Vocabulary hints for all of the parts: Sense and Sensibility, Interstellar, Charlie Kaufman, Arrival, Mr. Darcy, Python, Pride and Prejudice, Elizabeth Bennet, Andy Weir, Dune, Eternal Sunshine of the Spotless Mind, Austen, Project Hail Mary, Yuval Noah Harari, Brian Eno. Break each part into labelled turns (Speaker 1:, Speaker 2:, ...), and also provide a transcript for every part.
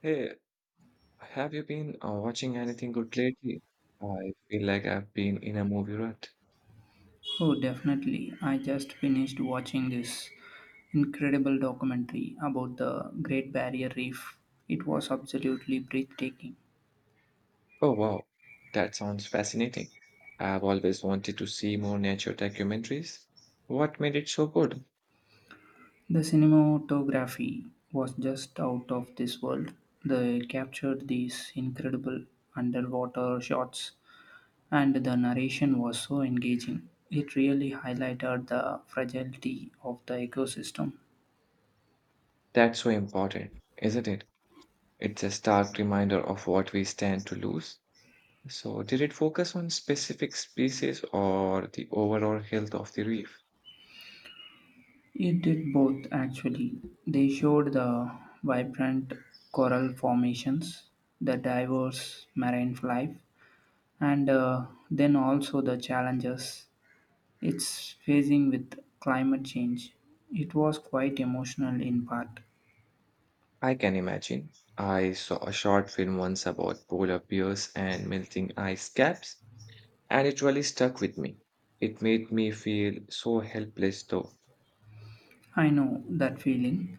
Speaker 1: Hey, have you been watching anything good lately? I feel like I've been in a movie rut.
Speaker 2: Oh, definitely. I just finished watching this incredible documentary about the Great Barrier Reef. It was absolutely breathtaking.
Speaker 1: Oh, wow. That sounds fascinating. I've always wanted to see more nature documentaries. What made it so good?
Speaker 2: The cinematography was just out of this world. They captured these incredible underwater shots, and the narration was so engaging. It really highlighted the fragility of the ecosystem.
Speaker 1: That's so important, isn't it? It's a stark reminder of what we stand to lose. So, did it focus on specific species or the overall health of the reef?
Speaker 2: It did both, actually. They showed the vibrant coral formations, the diverse marine life, and then also the challenges it's facing with climate change. It was quite emotional in part.
Speaker 1: I can imagine. I saw a short film once about polar bears and melting ice caps, and it really stuck with me. It made me feel so helpless, though.
Speaker 2: I know that feeling,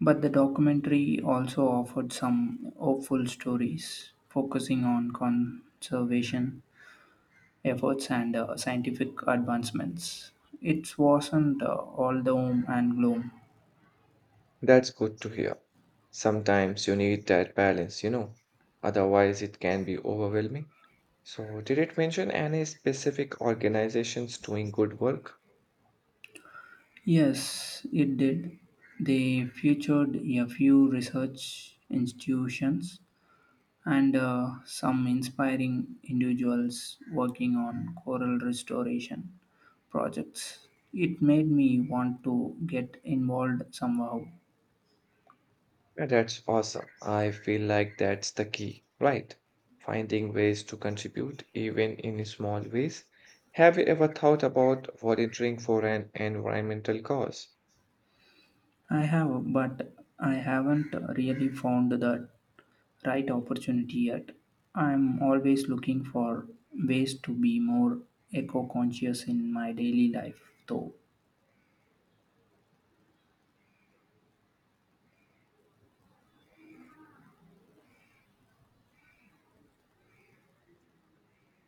Speaker 2: but the documentary also offered some hopeful stories focusing on conservation efforts and scientific advancements. It wasn't all doom and gloom.
Speaker 1: That's good to hear. Sometimes you need that balance, you know, otherwise, it can be overwhelming. So, did it mention any specific organizations doing good work?
Speaker 2: Yes, it did. They featured a few research institutions and some inspiring individuals working on coral restoration projects. It made me want to get involved somehow.
Speaker 1: Yeah, that's awesome. I feel like that's the key, right? Finding ways to contribute, even in small ways. Have you ever thought about volunteering for an environmental cause?
Speaker 2: I have, but I haven't really found the right opportunity yet. I'm always looking for ways to be more eco conscious in my daily life, though.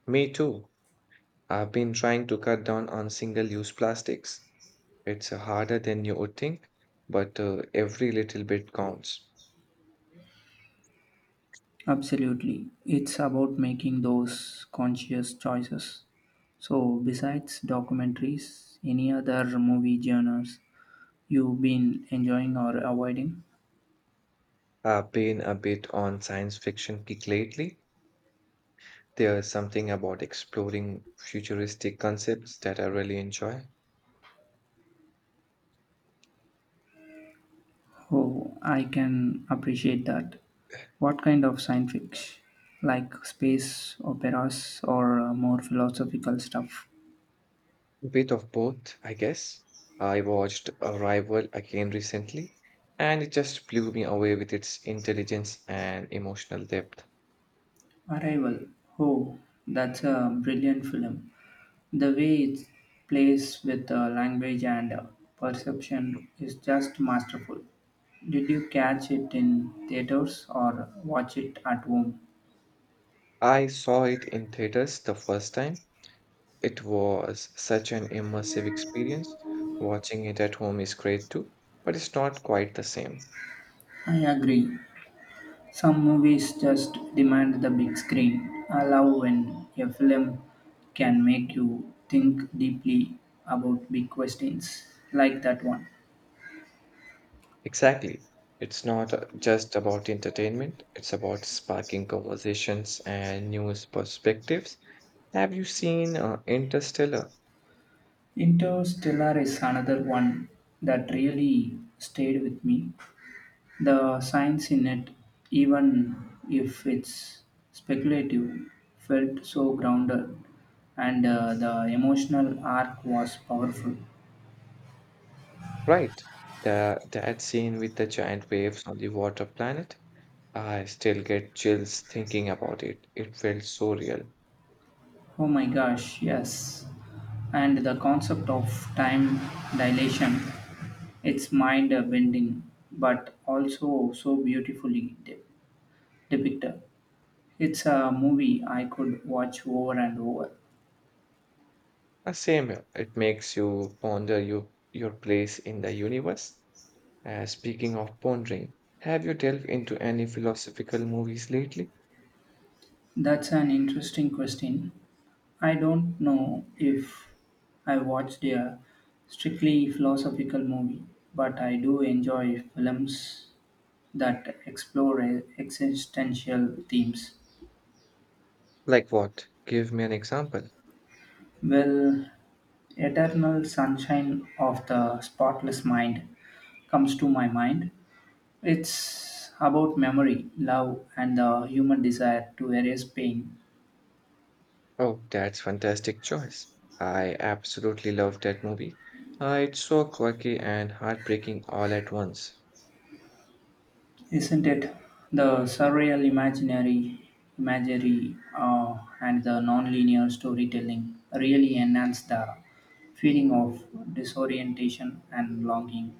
Speaker 1: Me too. I've been trying to cut down on single use plastics. It's harder than you would think, but every little bit counts.
Speaker 2: Absolutely. It's about making those conscious choices. So, besides documentaries, any other movie genres you've been enjoying or avoiding?
Speaker 1: I've been a bit on science fiction kick lately. There's something about exploring futuristic concepts that I really enjoy.
Speaker 2: Oh, I can appreciate that. What kind of science fiction? Like space operas or more philosophical stuff?
Speaker 1: Bit of both, I guess. I watched Arrival again recently, and it just blew me away with its intelligence and emotional depth.
Speaker 2: Arrival. Oh, that's a brilliant film. The way it plays with language and perception is just masterful. Did you catch it in theaters or watch it at home?
Speaker 1: I saw it in theaters the first time. It was such an immersive experience. Watching it at home is great too, but it's not quite the same.
Speaker 2: I agree. Some movies just demand the big screen. I love when a film can make you think deeply about big questions like that one.
Speaker 1: Exactly. It's not just about entertainment, it's about sparking conversations and new perspectives. Have you seen Interstellar?
Speaker 2: Interstellar is another one that really stayed with me. The science in it, even if it's speculative, felt so grounded, and the emotional arc was powerful.
Speaker 1: Right. That scene with the giant waves on the water planet? I still get chills thinking about it. It felt so real.
Speaker 2: Oh my gosh, yes. And the concept of time dilation, it's mind bending, but also so beautifully depicted. It's a movie I could watch over and over.
Speaker 1: Same here. It makes you ponder your place in the universe. Speaking of pondering, have you delved into any philosophical movies lately?
Speaker 2: That's an interesting question. I don't know if I watched a strictly philosophical movie, but I do enjoy films that explore existential themes.
Speaker 1: Like what? Give me an example.
Speaker 2: Well, Eternal Sunshine of the Spotless Mind comes to my mind. It's about memory, love, and the human desire to erase pain.
Speaker 1: Oh, that's fantastic choice. I absolutely love that movie. It's so quirky and heartbreaking all at once.
Speaker 2: Isn't it? The surreal imaginary imagery and the non-linear storytelling really enhance the feeling of disorientation and longing.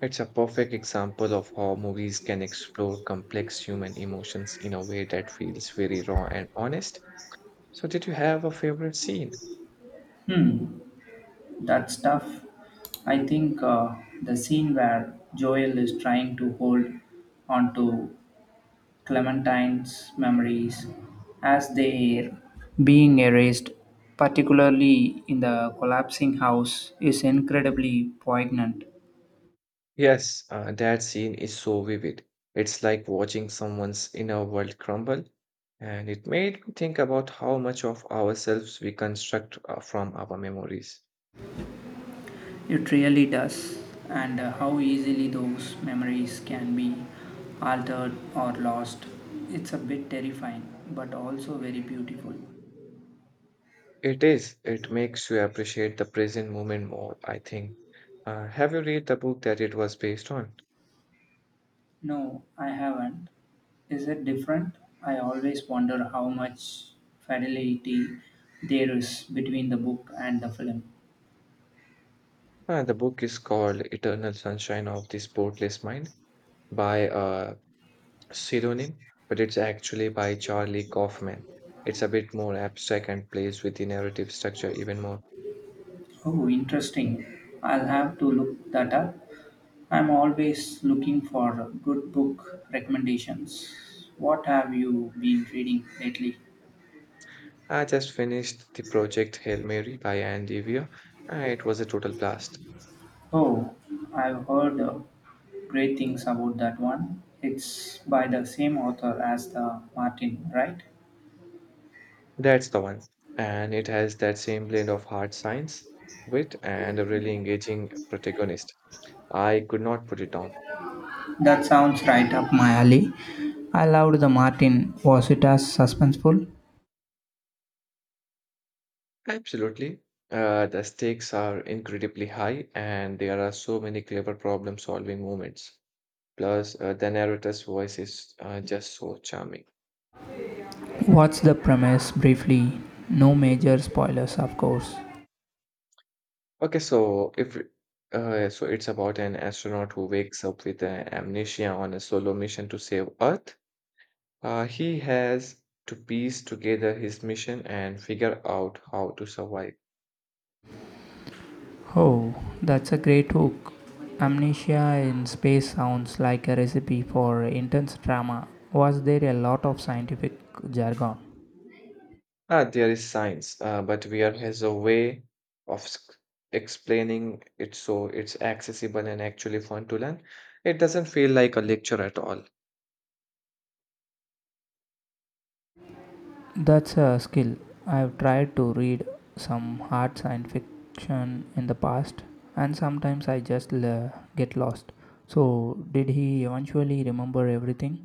Speaker 1: It's a perfect example of how movies can explore complex human emotions in a way that feels very raw and honest. So, did you have a favorite scene?
Speaker 2: Hmm, that's tough. I think the scene where Joel is trying to hold onto Clementine's memories as they being erased, particularly in the collapsing house, is incredibly poignant.
Speaker 1: Yes, that scene is so vivid. It's like watching someone's inner world crumble, and it made me think about how much of ourselves we construct from our memories.
Speaker 2: It really does, and how easily those memories can be altered or lost. It's a bit terrifying, but also very beautiful.
Speaker 1: It is, it makes you appreciate the present moment more, I think. Have you read the book that it was based on?
Speaker 2: No, I haven't. Is it different? I always wonder how much fidelity there is between the book and the film.
Speaker 1: The book is called Eternal Sunshine of the Spotless Mind by pseudonym, but it's actually by Charlie Kaufman. It's a bit more abstract and plays with the narrative structure even more.
Speaker 2: Oh, interesting. I'll have to look that up. I'm always looking for good book recommendations. What have you been reading lately?
Speaker 1: I just finished the project Hail Mary by Andy Weir, and it was a total blast.
Speaker 2: Oh, I've heard great things about that one. It's by the same author as the Martin, right?
Speaker 1: That's the one. And it has that same blend of hard science, wit, and a really engaging protagonist. I could not put it down.
Speaker 2: That sounds right up my alley. I loved the Martin. Was it as suspenseful?
Speaker 1: Absolutely. The stakes are incredibly high, and there are so many clever problem solving moments. Plus, the narrator's voice is just so charming.
Speaker 2: What's the premise briefly? No major spoilers, of course.
Speaker 1: Okay, so if so, it's about an astronaut who wakes up with amnesia on a solo mission to save Earth. He has to piece together his mission and figure out how to survive.
Speaker 2: Oh, that's a great hook. Amnesia in space sounds like a recipe for intense drama. Was there a lot of scientific jargon?
Speaker 1: Ah, there is science, but Weir has a way of explaining it so it's accessible and actually fun to learn. It doesn't feel like a lecture at all.
Speaker 2: That's a skill. I've tried to read some hard science fiction in the past, and sometimes I just get lost. So, did he eventually remember everything?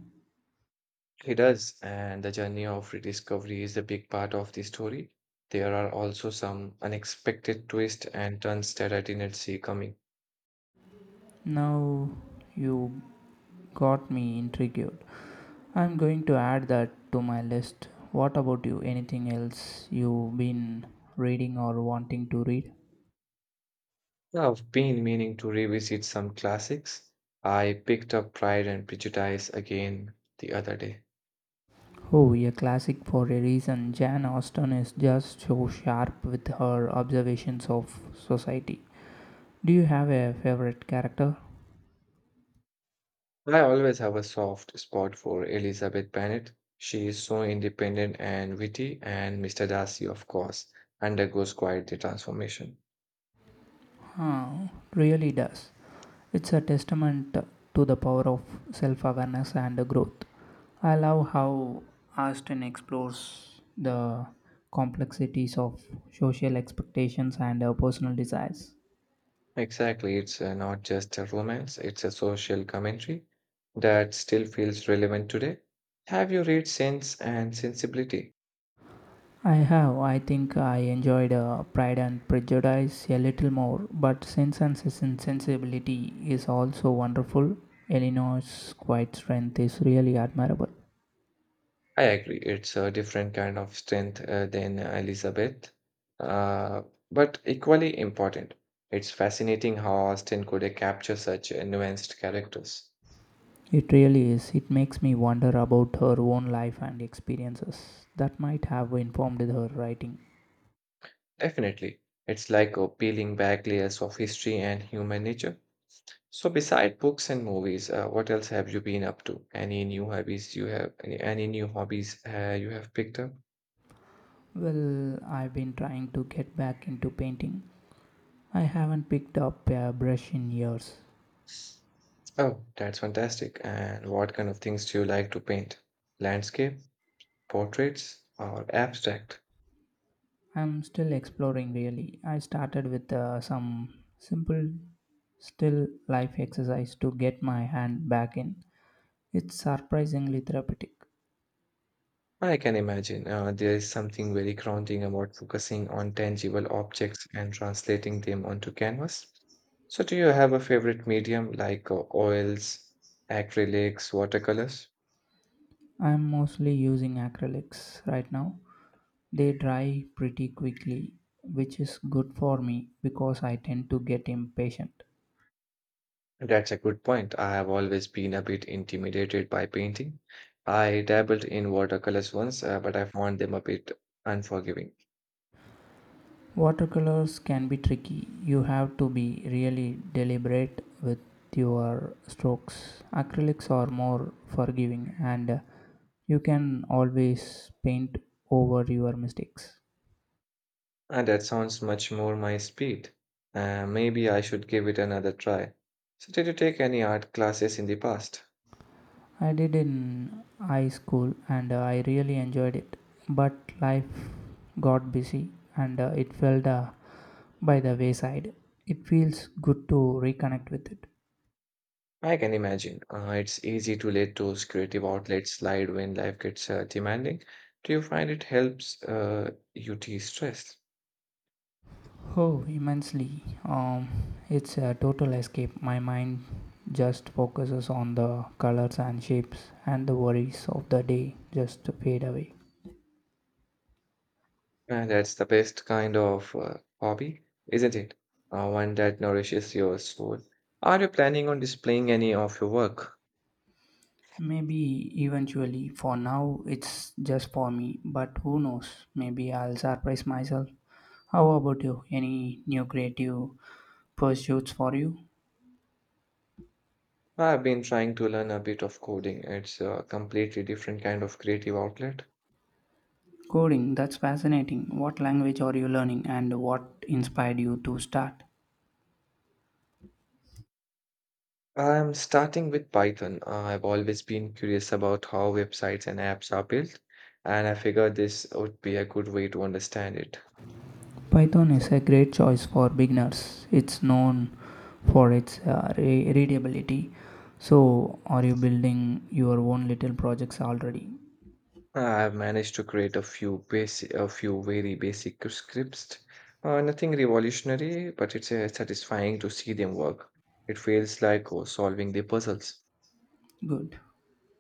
Speaker 1: He does, and the journey of rediscovery is a big part of the story. There are also some unexpected twists and turns that I didn't see coming.
Speaker 2: Now you got me intrigued. I'm going to add that to my list. What about you? Anything else you've been reading or wanting to read?
Speaker 1: Yeah, I've been meaning to revisit some classics. I picked up Pride and Prejudice again the other day.
Speaker 2: Oh, a classic for a reason. Jane Austen is just so sharp with her observations of society. Do you have a favorite character?
Speaker 1: I always have a soft spot for Elizabeth Bennet. She is so independent and witty, and Mr. Darcy, of course, undergoes quite the transformation.
Speaker 2: Huh, really does. It's a testament to the power of self awareness and growth. I love how Austin explores the complexities of social expectations and personal desires.
Speaker 1: Exactly. It's not just a romance, it's a social commentary that still feels relevant today. Have you read Sense and Sensibility?
Speaker 2: I have, I think I enjoyed Pride and Prejudice a little more, but Sensibility is also wonderful. Eleanor's quiet strength is really admirable.
Speaker 1: I agree. It's a different kind of strength than Elizabeth, uh, but equally important. It's fascinating how Austen could capture such nuanced characters.
Speaker 2: It really is. It makes me wonder about her own life and experiences that might have informed her writing.
Speaker 1: Definitely. It's like peeling back layers of history and human nature. So beside books and movies, what else have you been up to? Any new hobbies you have? Any new hobbies you have picked up?
Speaker 2: Well, I've been trying to get back into painting. I haven't picked up a brush in years.
Speaker 1: Oh, that's fantastic. And what kind of things do you like to paint? Landscape, portraits, or abstract?
Speaker 2: I'm still exploring, really. I started with some simple still life exercise to get my hand back in. It's surprisingly therapeutic.
Speaker 1: I can imagine, there is something very grounding about focusing on tangible objects and translating them onto canvas. So, do you have a favorite medium like oils, acrylics, watercolors?
Speaker 2: I'm mostly using acrylics right now. They dry pretty quickly, which is good for me because I tend to get impatient.
Speaker 1: That's a good point. I have always been a bit intimidated by painting. I dabbled in watercolors once, but I found them a bit unforgiving.
Speaker 2: Watercolors can be tricky. You have to be really deliberate with your strokes. Acrylics are more forgiving and you can always paint over your mistakes.
Speaker 1: And that sounds much more my speed. Maybe I should give it another try. So, did you take any art classes in the past?
Speaker 2: I did in high school and I really enjoyed it, but life got busy and it felt by the wayside. It feels good to reconnect with it.
Speaker 1: I can imagine. It's easy to let those creative outlets slide when life gets demanding. Do you find it helps you de-stress?
Speaker 2: Oh, immensely. It's a total escape. My mind just focuses on the colors and shapes, and the worries of the day just fade away.
Speaker 1: That's the best kind of hobby, isn't it? One that nourishes your soul. Are you planning on displaying any of your work?
Speaker 2: Maybe eventually, for now, it's just for me, but who knows? Maybe I'll surprise myself. How about you? Any new creative pursuits for you?
Speaker 1: I've been trying to learn a bit of coding. It's a completely different kind of creative outlet.
Speaker 2: Coding, that's fascinating. What language are you learning, and what inspired you to start?
Speaker 1: I'm starting with Python. I've always been curious about how websites and apps are built, and I figured this would be a good way to understand it.
Speaker 2: Python is a great choice for beginners. It's known for its readability. So, are you building your own little projects already?
Speaker 1: I've managed to create a few very basic scripts. Nothing revolutionary, but it's satisfying to see them work. It feels like oh, solving the puzzles.
Speaker 2: Good.